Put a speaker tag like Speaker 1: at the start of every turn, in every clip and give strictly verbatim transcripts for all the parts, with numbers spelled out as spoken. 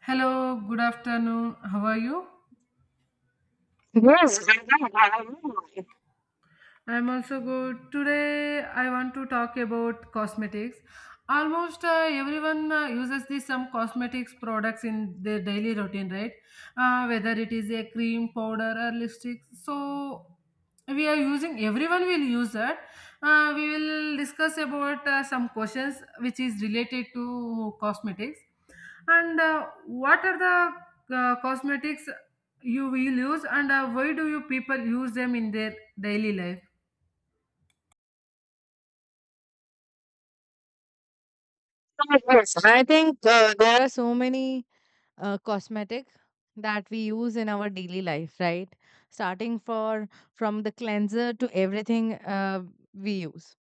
Speaker 1: Hello, good afternoon. How are you?
Speaker 2: Yes, I know, I know.
Speaker 1: I'm also good. Today, I want to talk about cosmetics. Almost uh, everyone uh, uses these some cosmetics products in their daily routine, right? Uh, whether it is a cream, powder, or lipstick. So we are using. Everyone will use that. Uh, we will discuss about uh, some questions which is related to cosmetics, and uh, what are the uh, cosmetics you will use, and uh, why do you people use them in their daily life?
Speaker 2: So, yes, I think uh, there are so many uh, cosmetic that we use in our daily life, right? Starting for from the cleanser to everything uh, we use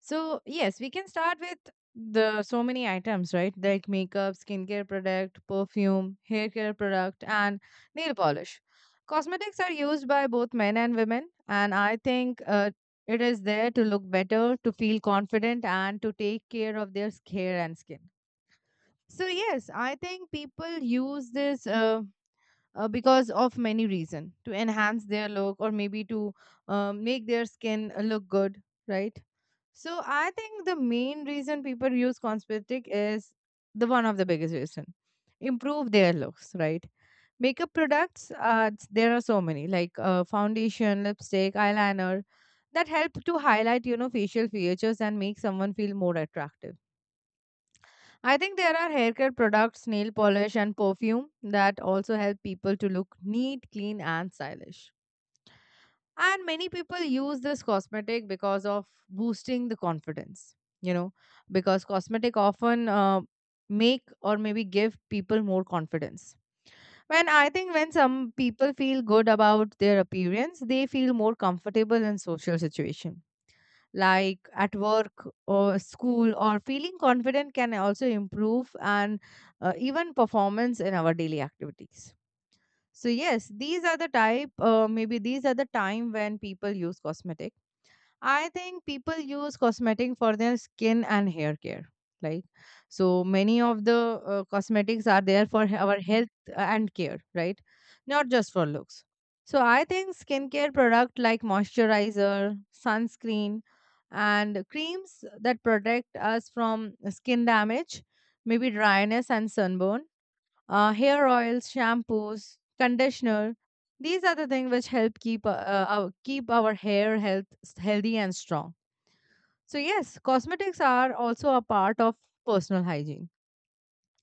Speaker 2: So, yes, we can start with the so many items, right? Like makeup, skincare product, perfume, hair care product, and nail polish. Cosmetics are used by both men and women, and I think uh, it is there to look better, to feel confident, and to take care of their s- hair and skin. So, yes, I think people use this uh, uh, because of many reasons, to enhance their look or maybe to uh, make their skin uh, look good, right? So I think the main reason people use cosmetic is the one of the biggest reason. Improve their looks, right? Makeup products, uh, it's- there are so many, like uh, foundation, lipstick, eyeliner, that help to highlight, you know, facial features and make someone feel more attractive. I think there are haircare products, nail polish, and perfume that also help people to look neat, clean, and stylish, and many people use this cosmetic because of boosting the confidence, you know, because cosmetic often uh, make or maybe give people more confidence. When I think when some people feel good about their appearance, they feel more comfortable in social situation, like at work or school, or feeling confident can also improve and uh, even performance in our daily activities. So yes, these are the type. Uh, maybe these are the time when people use cosmetic. I think people use cosmetic for their skin and hair care. Like, so many of the uh, cosmetics are there for he- our health uh, and care, right? Not just for looks. So I think skincare product like moisturizer, sunscreen, and creams that protect us from skin damage, maybe dryness and sunburn. Uh, hair oils, shampoos, conditioner, these are the things which help keep uh, uh, our, keep our hair health s- healthy and strong. So yes, cosmetics are also a part of personal hygiene,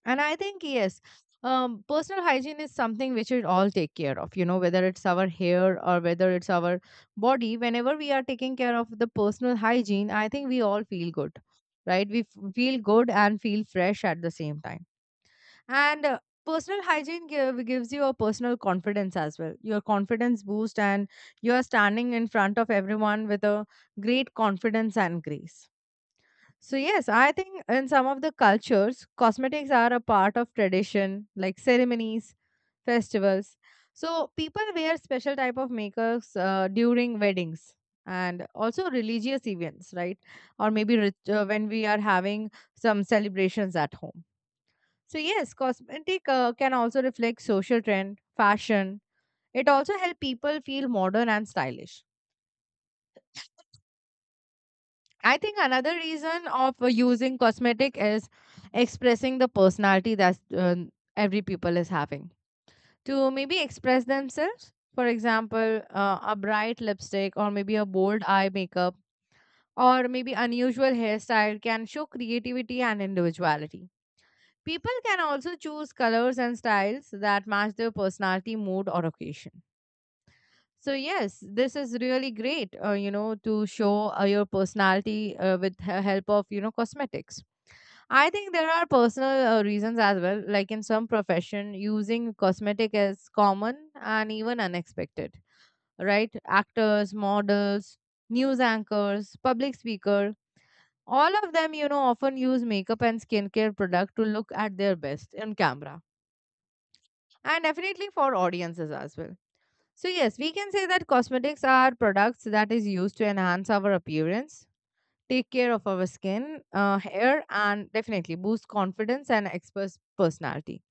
Speaker 2: and I think, yes, um, personal hygiene is something which we all take care of. You know, whether it's our hair or whether it's our body. Whenever we are taking care of the personal hygiene, I think we all feel good, right? We f- feel good and feel fresh at the same time, and uh, personal hygiene give, gives you a personal confidence as well. Your confidence boost, and you are standing in front of everyone with a great confidence and grace. So, yes, I think in some of the cultures, cosmetics are a part of tradition, like ceremonies, festivals. So, people wear special type of makeups uh, during weddings and also religious events, right? Or maybe rit- uh, when we are having some celebrations at home. So yes, cosmetic uh, can also reflect social trend, fashion. It also help people feel modern and stylish. I think another reason of uh, using cosmetic is expressing the personality that uh, every people is having, to maybe express themselves. For example, uh, a bright lipstick or maybe a bold eye makeup or maybe unusual hairstyle can show creativity and individuality. People can also choose colors and styles that match their personality, mood, or occasion. So yes, this is really great, uh, you know, to show uh, your personality uh, with he- help of, you know, cosmetics. I think there are personal uh, reasons as well. Like in some profession, using cosmetic is common and even unexpected, right? Actors, models, news anchors, public speaker, all of them, you know, often use makeup and skincare product to look at their best in camera, and definitely for audiences as well. So, yes, we can say that cosmetics are products that is used to enhance our appearance, take care of our skin, uh, hair, and definitely boost confidence and express personality.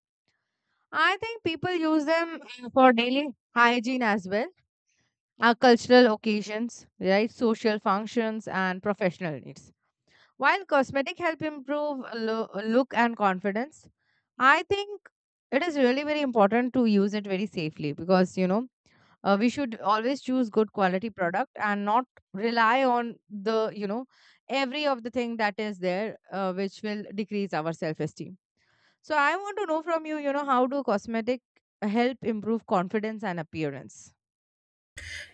Speaker 2: I think people use them uh, for daily hygiene as well, uh, cultural occasions, right, social functions, and professional needs. While cosmetic help improve lo- look and confidence, I think it is really very important to use it very safely, because, you know, uh, we should always choose good quality product and not rely on the, you know, every of the thing that is there uh, which will decrease our self esteem. So I want to know from you, you know, how do cosmetic help improve confidence and appearance?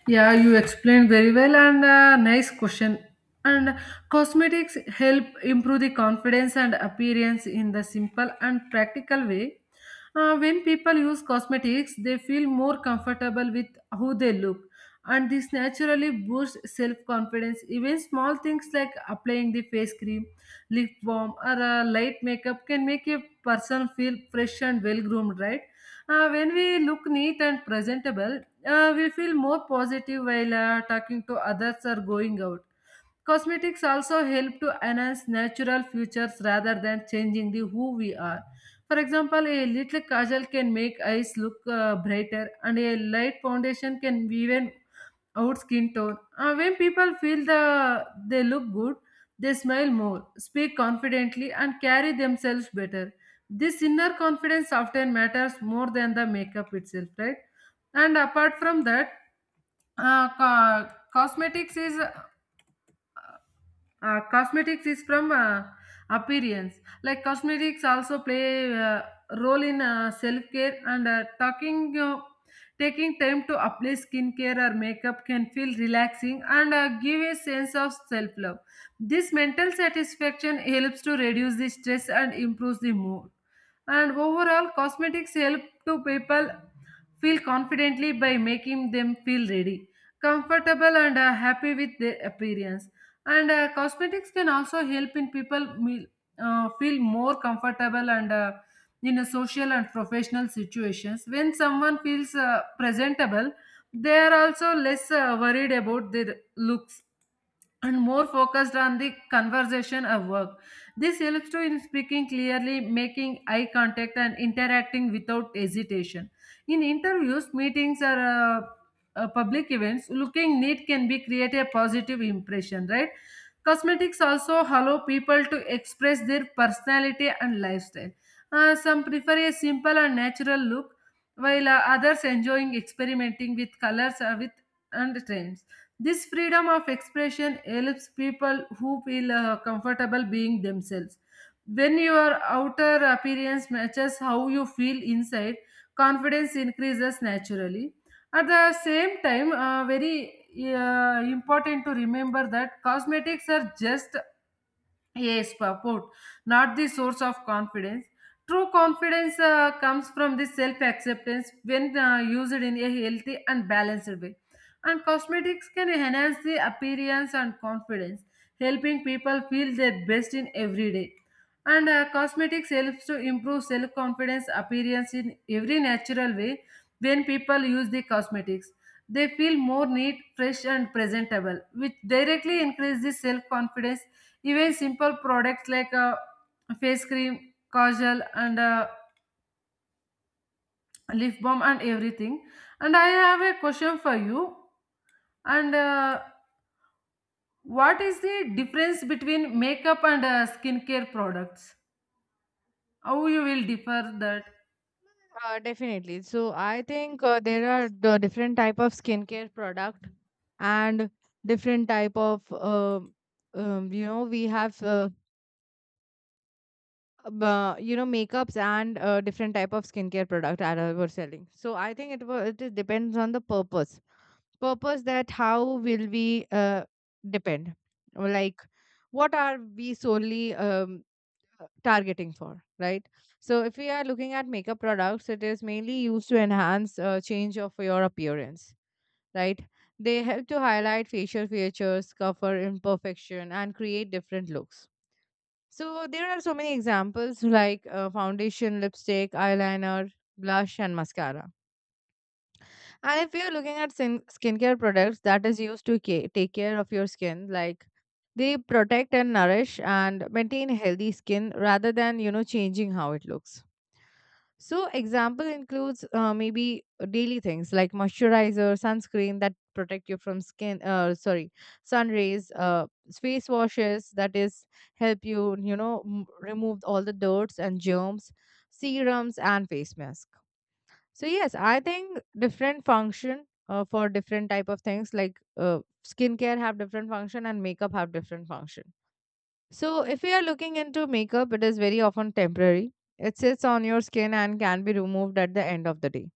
Speaker 1: Yeah, you explained very well and uh, nice question. And cosmetics help improve the confidence and appearance in the simple and practical way. Uh, when people use cosmetics, they feel more comfortable with who they look, and this naturally boosts self confidence. Even small things like applying the face cream, lip balm, or a light makeup can make a person feel fresh and well groomed, right? Uh, when we look neat and presentable, uh, we feel more positive while uh, talking to others or going out. Cosmetics also help to enhance natural features rather than changing the who we are. For example, a little kajal can make eyes look uh, brighter, and a light foundation can even out skin tone. Uh, when people feel the they look good, they smile more, speak confidently, and carry themselves better. This inner confidence often matters more than the makeup itself, right? And apart from that, uh, co- cosmetics is uh, cosmetics is from uh, appearance. Like cosmetics also play uh, role in uh, self care and uh, talking. Uh, taking time to apply skincare or makeup can feel relaxing and uh, give a sense of self love. This mental satisfaction helps to reduce the stress and improves the mood. And overall, cosmetics help to people feel confidently by making them feel ready, comfortable, and uh, happy with their appearance. And uh, cosmetics can also help in people me- uh, feel more comfortable and uh, in a social and professional situations. When someone feels uh, presentable, they are also less uh, worried about their looks and more focused on the conversation of work. This helps to in speaking clearly, making eye contact, and interacting without hesitation. In interviews, meetings, or uh, uh, public events, looking neat can be create a positive impression, right? Cosmetics also allow people to express their personality and lifestyle. Uh, some prefer a simple and natural look, while uh, others enjoying experimenting with colors uh, with and trends. This freedom of expression helps people who feel uh, comfortable being themselves. When your outer appearance matches how you feel inside, confidence increases naturally. At the same time, uh, very uh, important to remember that cosmetics are just Yes, purport, not the source of confidence. True confidence uh, comes from the self acceptance when uh, used in a healthy and balanced way. And cosmetics can enhance the appearance and confidence, helping people feel their best in every day. And uh, cosmetics helps to improve self confidence appearance in every natural way when people use the cosmetics, they feel more neat, fresh, and presentable, which directly increases self confidence. Even simple products like uh, face cream, casual, and uh, lip balm, and everything. And I have a question for you. And uh, what is the difference between makeup and uh, skincare products? How you will differ that?
Speaker 2: Uh, definitely, so I think uh, there are the different type of skincare product, and different type of um, um, you know, we have uh, uh, you know, makeups and uh, different type of skincare product that I were selling. So I think it was, it depends on the purpose purpose, that how will we uh, depend, like, what are we solely um, targeting for, right? So if we are looking at makeup products, it is mainly used to enhance uh, change of your appearance, right? They help to highlight facial features, cover imperfection, and create different looks. So there are so many examples, like uh, foundation, lipstick, eyeliner, blush, and mascara. And if you're looking at skin- skincare products, that is used to ca- take care of your skin, like they protect and nourish and maintain healthy skin rather than, you know, changing how it looks. So, example includes uh, maybe uh, daily things like moisturizer, sunscreen that protect you from skin, uh, sorry, sun rays, uh, face washes that is help you, you know, m- remove all the dirts and germs, serums, and face mask. So yes, I think different function uh, for different type of things, like uh, skincare have different function and makeup have different function. So, if we are looking into makeup, it is very often temporary. It sits on your skin and can be removed at the end of the day.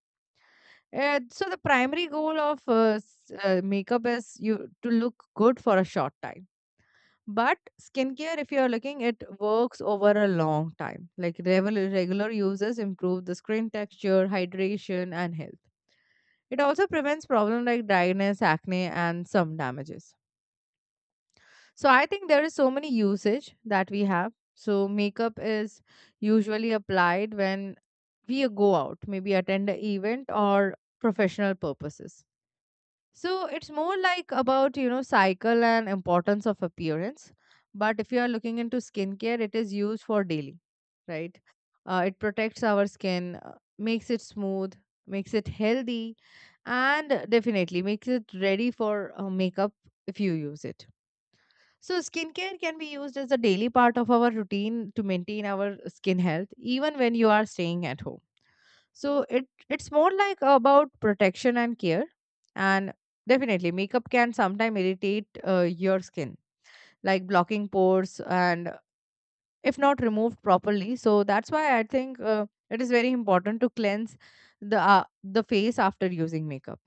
Speaker 2: Uh, so, the primary goal of uh, s- uh, makeup is you to look good for a short time. But skincare, if you are looking, it works over a long time. Like regular regular uses improve the skin texture, hydration, and health. It also prevents problems like dryness, acne, and some damages. So I think there is so many usage that we have. So makeup is usually applied when we go out, maybe attend an event or professional purposes. So it's more like about, you know, cycle and importance of appearance. But if you are looking into skincare, it is used for daily, right? Uh, it protects our skin, uh, makes it smooth, makes it healthy, and definitely makes it ready for uh, makeup if you use it. So, skincare can be used as a daily part of our routine to maintain our skin health, even when you are staying at home. So, it it's more like about protection and care. And definitely, makeup can sometimes irritate uh, your skin, like blocking pores, and if not removed properly. So that's why I think uh, it is very important to cleanse the uh, the face after using makeup.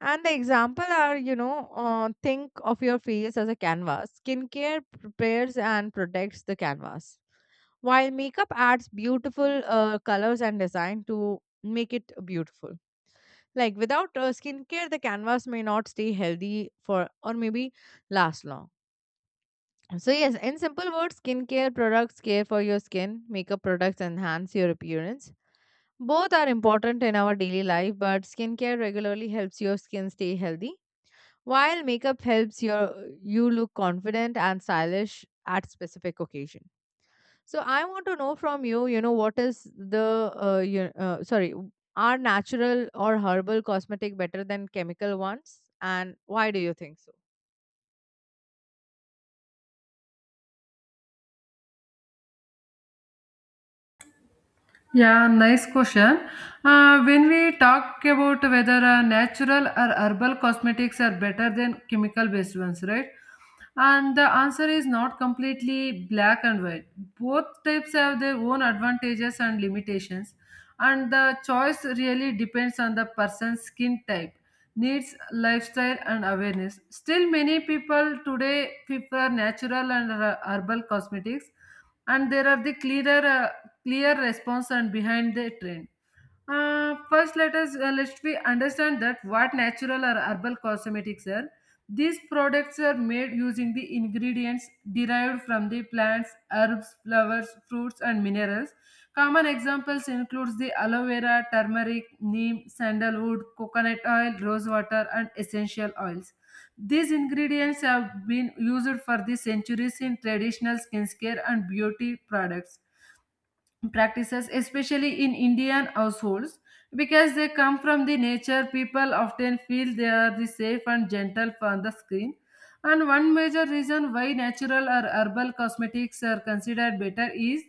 Speaker 2: And the example are, you know, uh, think of your face as a canvas. Skincare prepares and protects the canvas, while makeup adds beautiful uh, colors and design to make it beautiful. Like without uh, skincare, the canvas may not stay healthy for, or maybe last long. So yes, in simple words, skincare products care for your skin, makeup products enhance your appearance. Both are important in our daily life, but skincare regularly helps your skin stay healthy, while makeup helps your you look confident and stylish at specific occasion. So I want to know from you, you know, what is the uh, you, uh, sorry, are natural or herbal cosmetic better than chemical ones, and why do you think so?
Speaker 1: Yeah, nice question. Uh, when we talk about whether uh, natural or herbal cosmetics are better than chemical based ones, right? And the answer is not completely black and white. Both types have their own advantages and limitations, and the choice really depends on the person's skin type, needs, lifestyle, and awareness. Still, many people today prefer natural and uh, herbal cosmetics and there are the clearer uh, clear response and behind the trend. Uh, first, let us uh, let we understand that what natural or herbal cosmetics are. These products are made using the ingredients derived from the plants, herbs, flowers, fruits, and minerals. Common examples includes the aloe vera, turmeric, neem, sandalwood, coconut oil, rose water, and essential oils. These ingredients have been used for the centuries in traditional skincare and beauty products practices, especially in Indian households, because they come from the nature. People often feel they are the safe and gentle on the screen. And one major reason why natural or herbal cosmetics are considered better is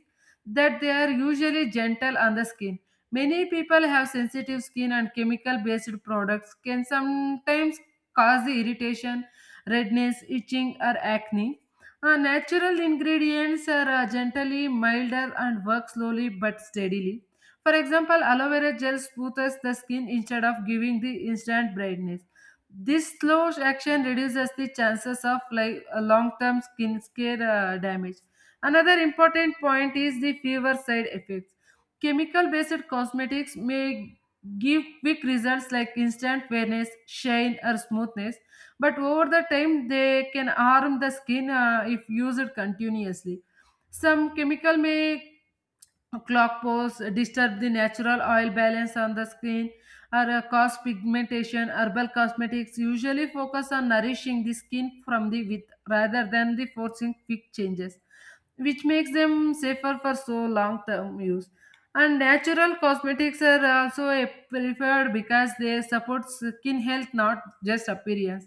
Speaker 1: that they are usually gentle on the skin. Many people have sensitive skin, and chemical based products can sometimes cause the irritation, redness, itching, or acne. Uh, natural ingredients are uh, gently milder and work slowly but steadily. For example, aloe vera gel smooths the skin instead of giving the instant brightness. This slow action reduces the chances of like a long-term skin care uh, damage. Another important point is the fever side effects. Chemical-based cosmetics may give quick results like instant fairness, shine, or smoothness, but over the time they can harm the skin uh, if used continuously. Some chemical may clock pose disturb the natural oil balance on the skin or uh, cause pigmentation. Herbal cosmetics usually focus on nourishing the skin from the within rather than the forcing quick changes, which makes them safer for so long term use. And natural cosmetics are also a preferred because they support skin health not just appearance.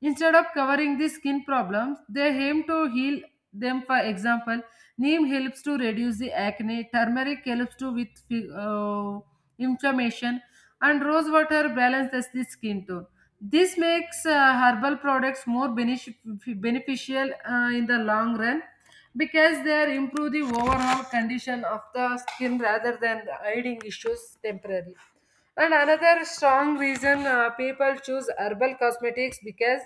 Speaker 1: Instead of covering the skin problems they aim to heal them. For example, Neem helps to reduce the acne, turmeric helps to with uh, inflammation, and rose water balances the skin tone. This makes uh, herbal products more benefic- beneficial uh, in the long run because they improve the overall condition of the skin rather than hiding issues temporarily. And another strong reason uh, people choose herbal cosmetics because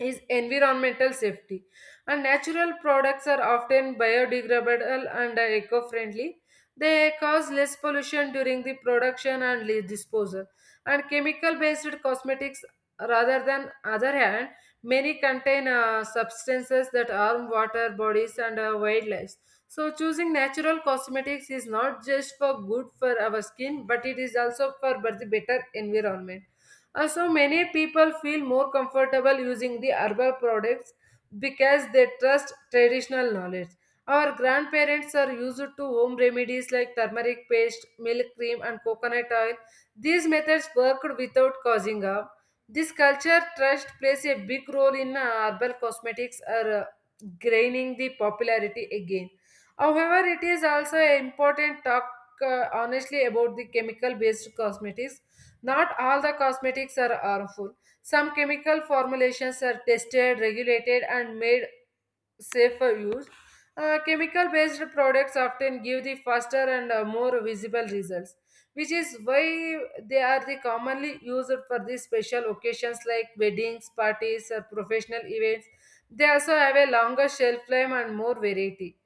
Speaker 1: is environmental safety. And natural products are often biodegradable and eco friendly. They cause less pollution during the production and le- disposal. And chemical based cosmetics, rather than other hand, many contain uh, substances that harm water, bodies, and uh, wildlife. So, choosing natural cosmetics is not just for good for our skin, but it is also for the better environment. Uh, so many people feel more comfortable using the herbal products because they trust traditional knowledge. Our grandparents are used to home remedies like turmeric paste, milk cream, and coconut oil. These methods worked without causing harm. This culture trust plays a big role in uh, herbal cosmetics are uh, gaining the popularity again. However, it is also important talk uh, honestly about the chemical based cosmetics. Not all the cosmetics are harmful. Some chemical formulations are tested, regulated, and made safe for use. Uh, chemical based products often give the faster and uh, more visible results, which is why they are the commonly used for the special occasions like weddings, parties, or professional events. They also have a longer shelf life and more variety.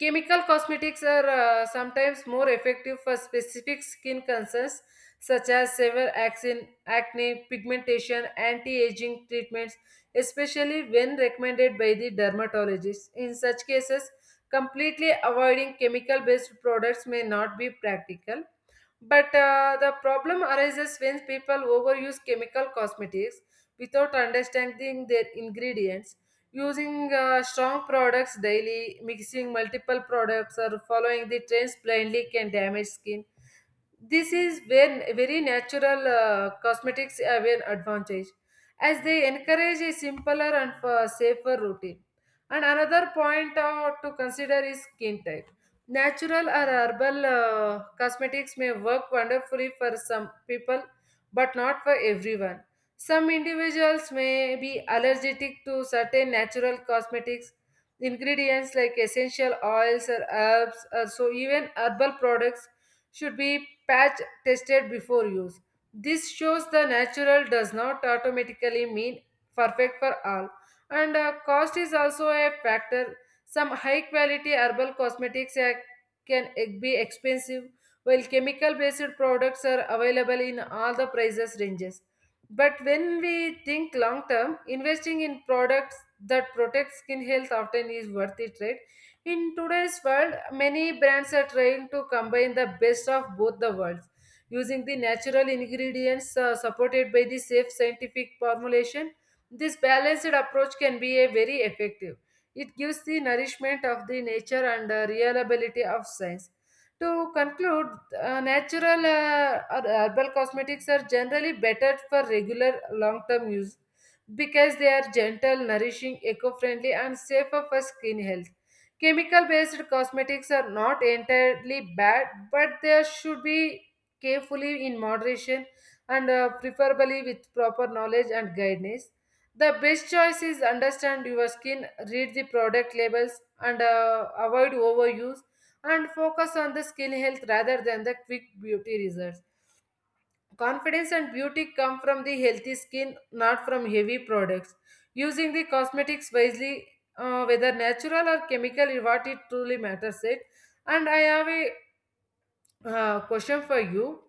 Speaker 1: Chemical cosmetics are uh, sometimes more effective for specific skin concerns such as severe acne, acne pigmentation, anti-aging treatments, especially when recommended by the dermatologist. In such cases, completely avoiding chemical-based products may not be practical. But uh, the problem arises when people overuse chemical cosmetics without understanding their ingredients, using uh, strong products daily, mixing multiple products or following the trends blindly can damage skin. This is when very natural uh, cosmetics have an advantage as they encourage a simpler and fa- safer routine. And another point uh, to consider is skin type. Natural or herbal uh, cosmetics may work wonderfully for some people, but not for everyone. Some individuals may be allergic to certain natural cosmetics ingredients like essential oils or herbs, or so even herbal products should be patch tested before use. This shows the natural does not automatically mean perfect for all. And uh, cost is also a factor. Some high quality herbal cosmetics uh, can e- be expensive, while chemical based products are available in all the prices ranges. But when we think long term, investing in products that protect skin health often is worth it, right? In today's world, many brands are trying to combine the best of both the worlds using the natural ingredients uh, supported by the safe scientific formulation. This balanced approach can be a very effective. It gives the nourishment of the nature and the reliability of science. To conclude, uh, natural uh, or herbal cosmetics are generally better for regular long-term use because they are gentle, nourishing, eco-friendly, and safer for skin health. Chemical based cosmetics are not entirely bad, but they should be carefully in moderation and uh, preferably with proper knowledge and guidance. The best choice is understand your skin, read the product labels, and uh, avoid overuse and focus on the skin health rather than the quick beauty results. Confidence and beauty come from the healthy skin, not from heavy products. Using the cosmetics wisely, uh, whether natural or chemical, is what it truly matters. It. And I have a uh, question for you.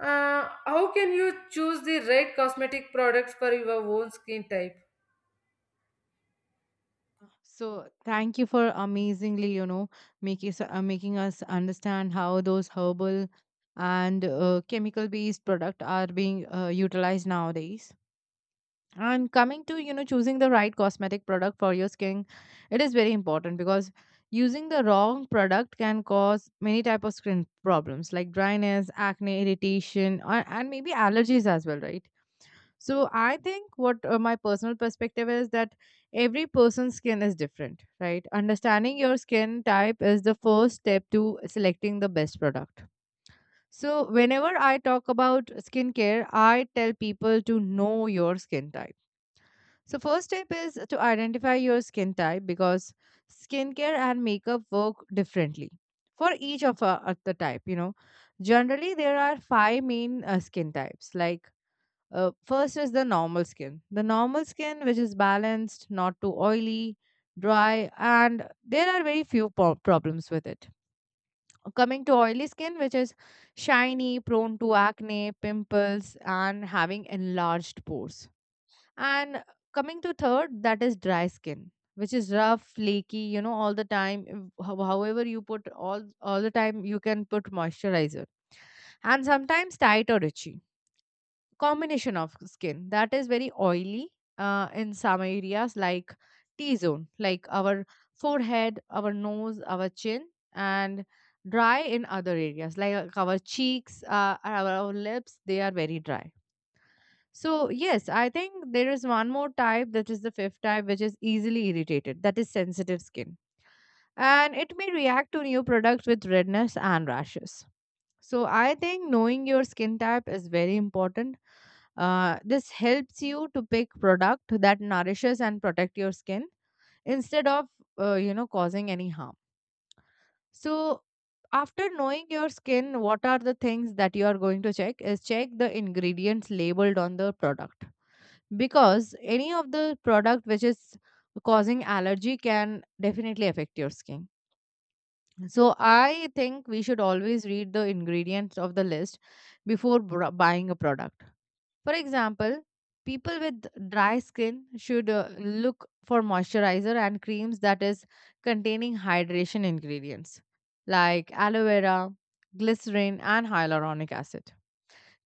Speaker 1: Uh, how can you choose the right cosmetic products for your own skin type?
Speaker 2: So thank you for amazingly, you know, making us, uh, making us understand how those herbal and uh, chemical-based product are being uh, utilized nowadays. And coming to, you know, choosing the right cosmetic product for your skin, it is very important because using the wrong product can cause many type of skin problems, like dryness, acne, irritation, or, and maybe allergies as well, right? So I think what, uh, my personal perspective is that every person's skin is different, right? Understanding your skin type is the first step to selecting the best product. So whenever I talk about skincare, I tell people to know your skin type. So first step is to identify your skin type, because skincare and makeup work differently for each of uh, uh, the type. You know, generally there are five main uh, skin types. Like, uh, first is the normal skin, the normal skin which is balanced, not too oily, dry, and there are very few po- problems with it. Coming to oily skin, which is shiny, prone to acne, pimples, and having enlarged pores, and coming to third, that is dry skin, which is rough, flaky, you know, all the time. If- how- However, you put all all the time, you can put moisturizer, and sometimes tight or itchy. Combination of skin that is very oily uh, in some areas like T zone, like our forehead, our nose, our chin, and dry in other areas like our cheeks, uh, our, our lips. They are very dry so, yes, I think there is one more type that is the fifth type, which is easily irritated, that is sensitive skin. And it may react to new products with redness and rashes. So, I think knowing your skin type is very important. Uh, this helps you to pick product that nourishes and protect your skin instead of uh, you know causing any harm. So, after knowing your skin, what are the things that you are going to check is check the ingredients labeled on the product because any of the product which is causing allergy can definitely affect your skin, so I think we should always read the ingredients of the list before br- buying a product. For example, people with dry skin should uh, look for moisturizer and creams that is containing hydration ingredients like aloe vera, glycerin, and hyaluronic acid.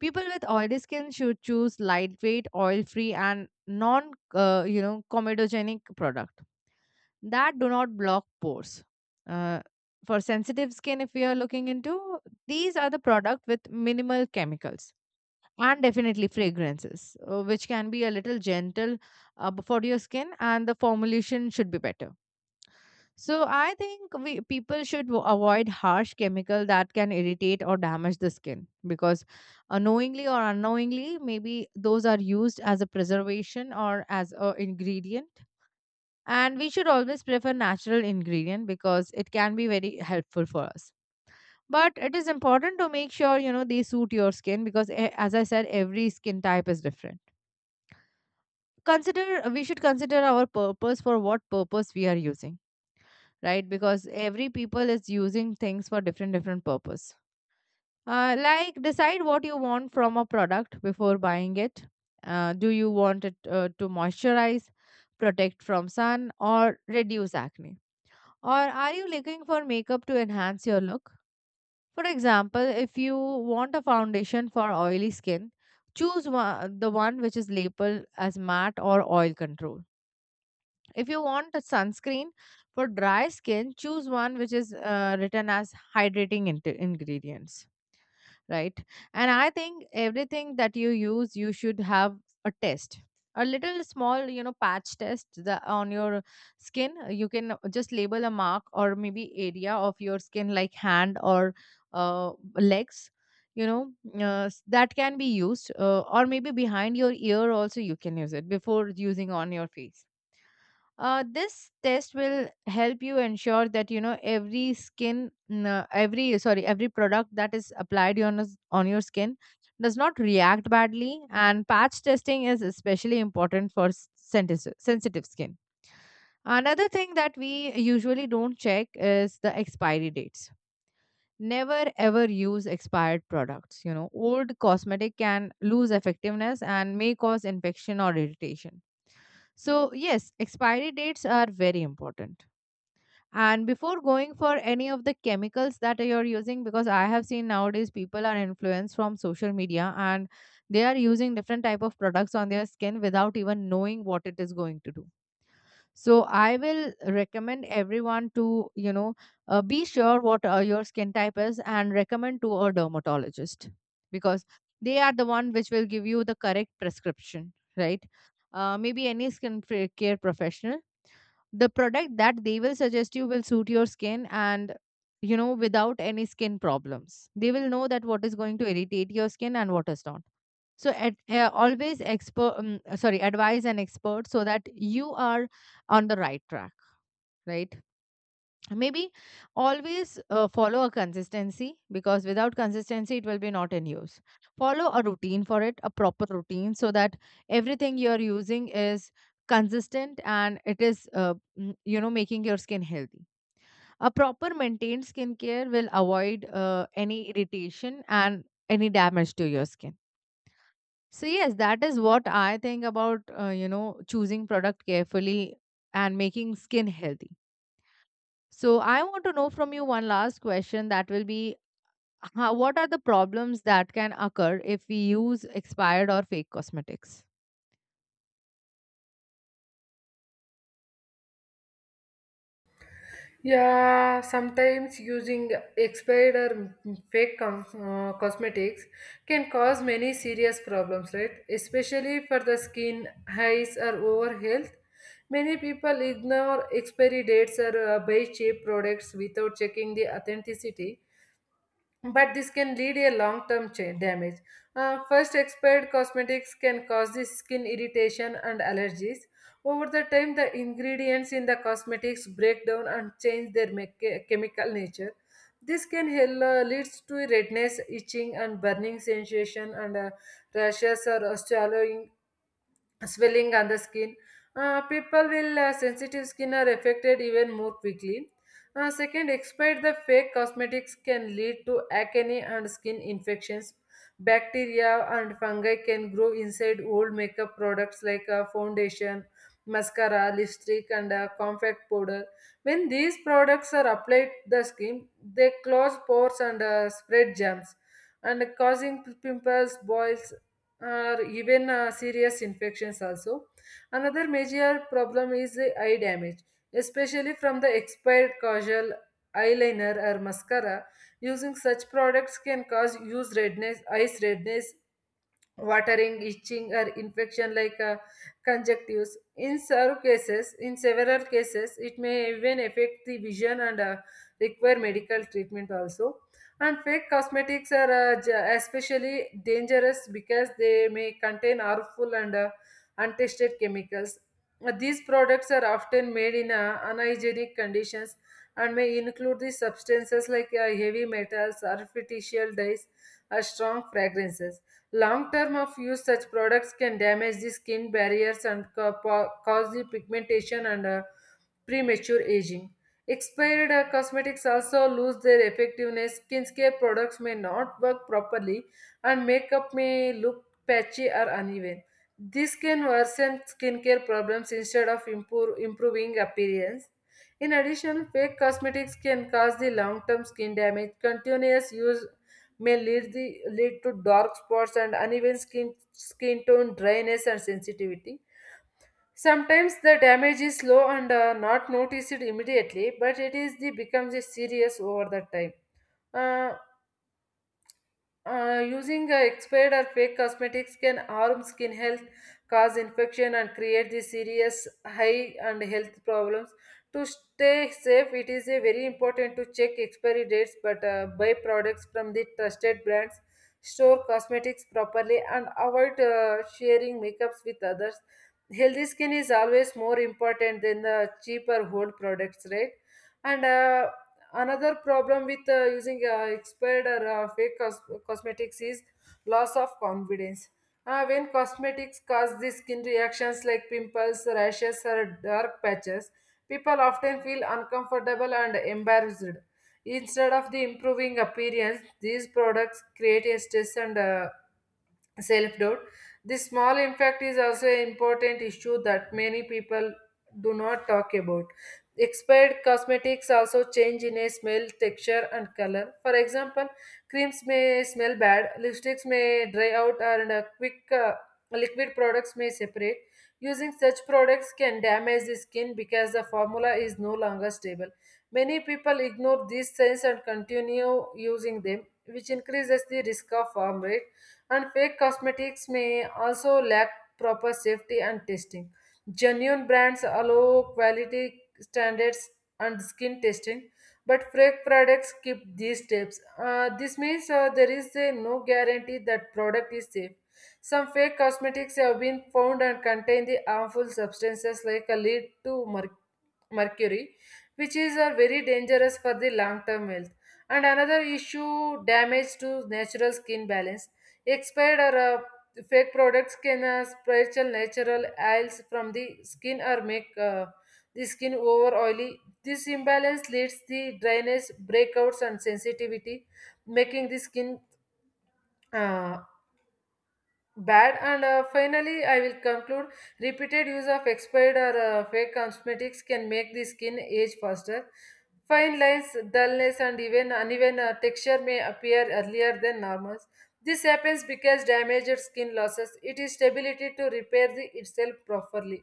Speaker 2: People with oily skin should choose lightweight, oil-free, and non, uh, you know, comedogenic product that do not block pores. Uh, for sensitive skin, if we are looking into, these are the product with minimal chemicals and definitely fragrances, uh, which can be a little gentle uh, for your skin, and the formulation should be better. So I think we people should w- avoid harsh chemical that can irritate or damage the skin because unknowingly or unknowingly maybe those are used as a preservation or as a ingredient. And we should always prefer natural ingredient because it can be very helpful for us, but it is important to make sure you know they suit your skin because eh, as I said, every skin type is different. Consider We should consider our purpose, for what purpose we are using, right? Because every people is using things for different different purpose. Uh, like, decide what you want from a product before buying it. Uh, do you want it uh, to moisturize, protect from sun, or reduce acne? Or are you looking for makeup to enhance your look? For example, if you want a foundation for oily skin, choose one, the one which is labeled as matte or oil control. If you want a sunscreen for dry skin, choose one which is uh, written as hydrating int- ingredients, right? And I think everything that you use, you should have a test. A little small, you know, patch test the, on your skin. You can just label a mark or maybe area of your skin, like hand or uh, legs. You know, uh, s- that can be used, uh, or maybe behind your ear also you can use it before using on your face. Uh, this test will help you ensure that you know every skin n- every sorry every product that is applied on us- on your skin does not react badly. And patch testing is especially important for s- sentis- sensitive skin. Another thing that we usually don't check is the expiry dates. Never ever use expired products. You know, old cosmetic can lose effectiveness and may cause infection or irritation. So yes, expiry dates are very important. And before going for any of the chemicals that you're using, because I have seen nowadays people are influenced from social media and they are using different type of products on their skin without even knowing what it is going to do. So I will recommend everyone to you know uh, be sure what uh, your skin type is and recommend to a dermatologist, because they are the one which will give you the correct prescription, right? Uh, maybe any skin care professional, the product that they will suggest you will suit your skin, and you know, without any skin problems they will know that what is going to irritate your skin and what is not. So at, uh, always expert um, sorry advise an expert so that you are on the right track, right? Maybe always uh, follow a consistency, because without consistency it will be not in use. Follow a routine for it, a proper routine, so that everything you are using is consistent and it is uh, mm, you know, making your skin healthy. A proper maintained skincare will avoid uh, any irritation and any damage to your skin. So yes, that is what I think about uh, you know, choosing product carefully and making skin healthy. So I want to know from you one last question that will be how, what are the problems that can occur if we use expired or fake cosmetics?
Speaker 1: Yeah, sometimes using expired or fake com- uh, cosmetics can cause many serious problems, right? Especially for the skin, eyes, or over health. Many people ignore expiry dates or uh, buy cheap products without checking the authenticity, but this can lead a long-term cha- damage. Uh, first, expired cosmetics can cause the skin irritation and allergies. Over the time, the ingredients in the cosmetics break down and change their mecha- chemical nature. This can hel- uh, leads to redness, itching, and burning sensation, and uh, rashes or swallowing swelling on the skin. Uh, people will uh, sensitive skin are affected even more quickly. Uh, second, expired the fake cosmetics can lead to acne and skin infections. Bacteria and fungi can grow inside old makeup products like uh, foundation, mascara, lipstick, and uh, compact powder. When these products are applied to the skin, they close pores and uh, spread germs and causing pimples, boils, or even uh, serious infections also. Another major problem is the eye damage, especially from the expired casual eyeliner or mascara. Using such products can cause use redness, eyes redness, watering, itching, or infection like uh, conjunctives. In several cases, in several cases, it may even affect the vision and uh, require medical treatment also. And fake cosmetics are uh, j- especially dangerous because they may contain harmful and uh, untested chemicals. Uh, These products are often made in uh, unhygienic conditions and may include the substances like uh, heavy metals, artificial dyes, or strong fragrances. Long term of use, such products can damage the skin barriers and ca- po- cause the pigmentation and uh, premature aging. Expired uh, cosmetics also lose their effectiveness. Skincare products may not work properly, and makeup may look patchy or uneven. This can worsen skincare problems instead of improve, improving appearance. In addition, fake cosmetics can cause the long-term skin damage. Continuous use may lead, the, lead to dark spots and uneven skin, skin tone, dryness, and sensitivity. Sometimes the damage is slow and uh, not noticed immediately, but it is the becomes a serious over the time. Uh, uh, Using uh, expired or fake cosmetics can harm skin health, cause infection, and create the serious high and health problems. To stay safe, it is uh, very important to check expiry dates, but uh, buy products from the trusted brands, store cosmetics properly, and avoid uh, sharing makeups with others. Healthy skin is always more important than the cheaper old products, right? And uh, another problem with uh, using uh, expired or uh, fake cos- cosmetics is loss of confidence. Uh, when cosmetics cause these skin reactions like pimples, rashes, or dark patches, people often feel uncomfortable and embarrassed. Instead of the improving appearance, these products create a stress and uh, self doubt. This small impact is also an important issue that many people do not talk about. Expired cosmetics also change in a smell, texture, and color. For example, creams may smell bad, lipsticks may dry out, and uh, quick uh, liquid products may separate. Using such products can damage the skin because the formula is no longer stable. Many people ignore these signs and continue using them, which increases the risk of harm rate. And fake cosmetics may also lack proper safety and testing. Genuine brands allow quality standards and skin testing, but fake products keep these steps. Uh, this means uh, there is a no guarantee that product is safe. Some fake cosmetics have been found and contain the harmful substances like a lead to merc- mercury, which is uh, very dangerous for the long-term health. And another issue, damage to natural skin balance. Expired or uh, fake products can uh, spiritual natural oils from the skin or make uh, the skin over oily. This imbalance leads to dryness, breakouts, and sensitivity, making the skin uh, bad. And uh, finally, I will conclude. Repeated use of expired or uh, fake cosmetics can make the skin age faster. Fine lines, dullness, and even uneven uh, texture may appear earlier than normal. This happens because damaged skin losses it is stability to repair the itself properly.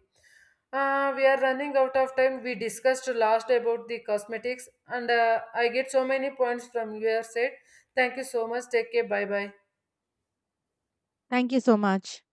Speaker 1: uh, We are running out of time. We discussed last about the cosmetics, and uh, I get so many points from your side. Thank you so much. Take care, bye bye.
Speaker 2: Thank you so much.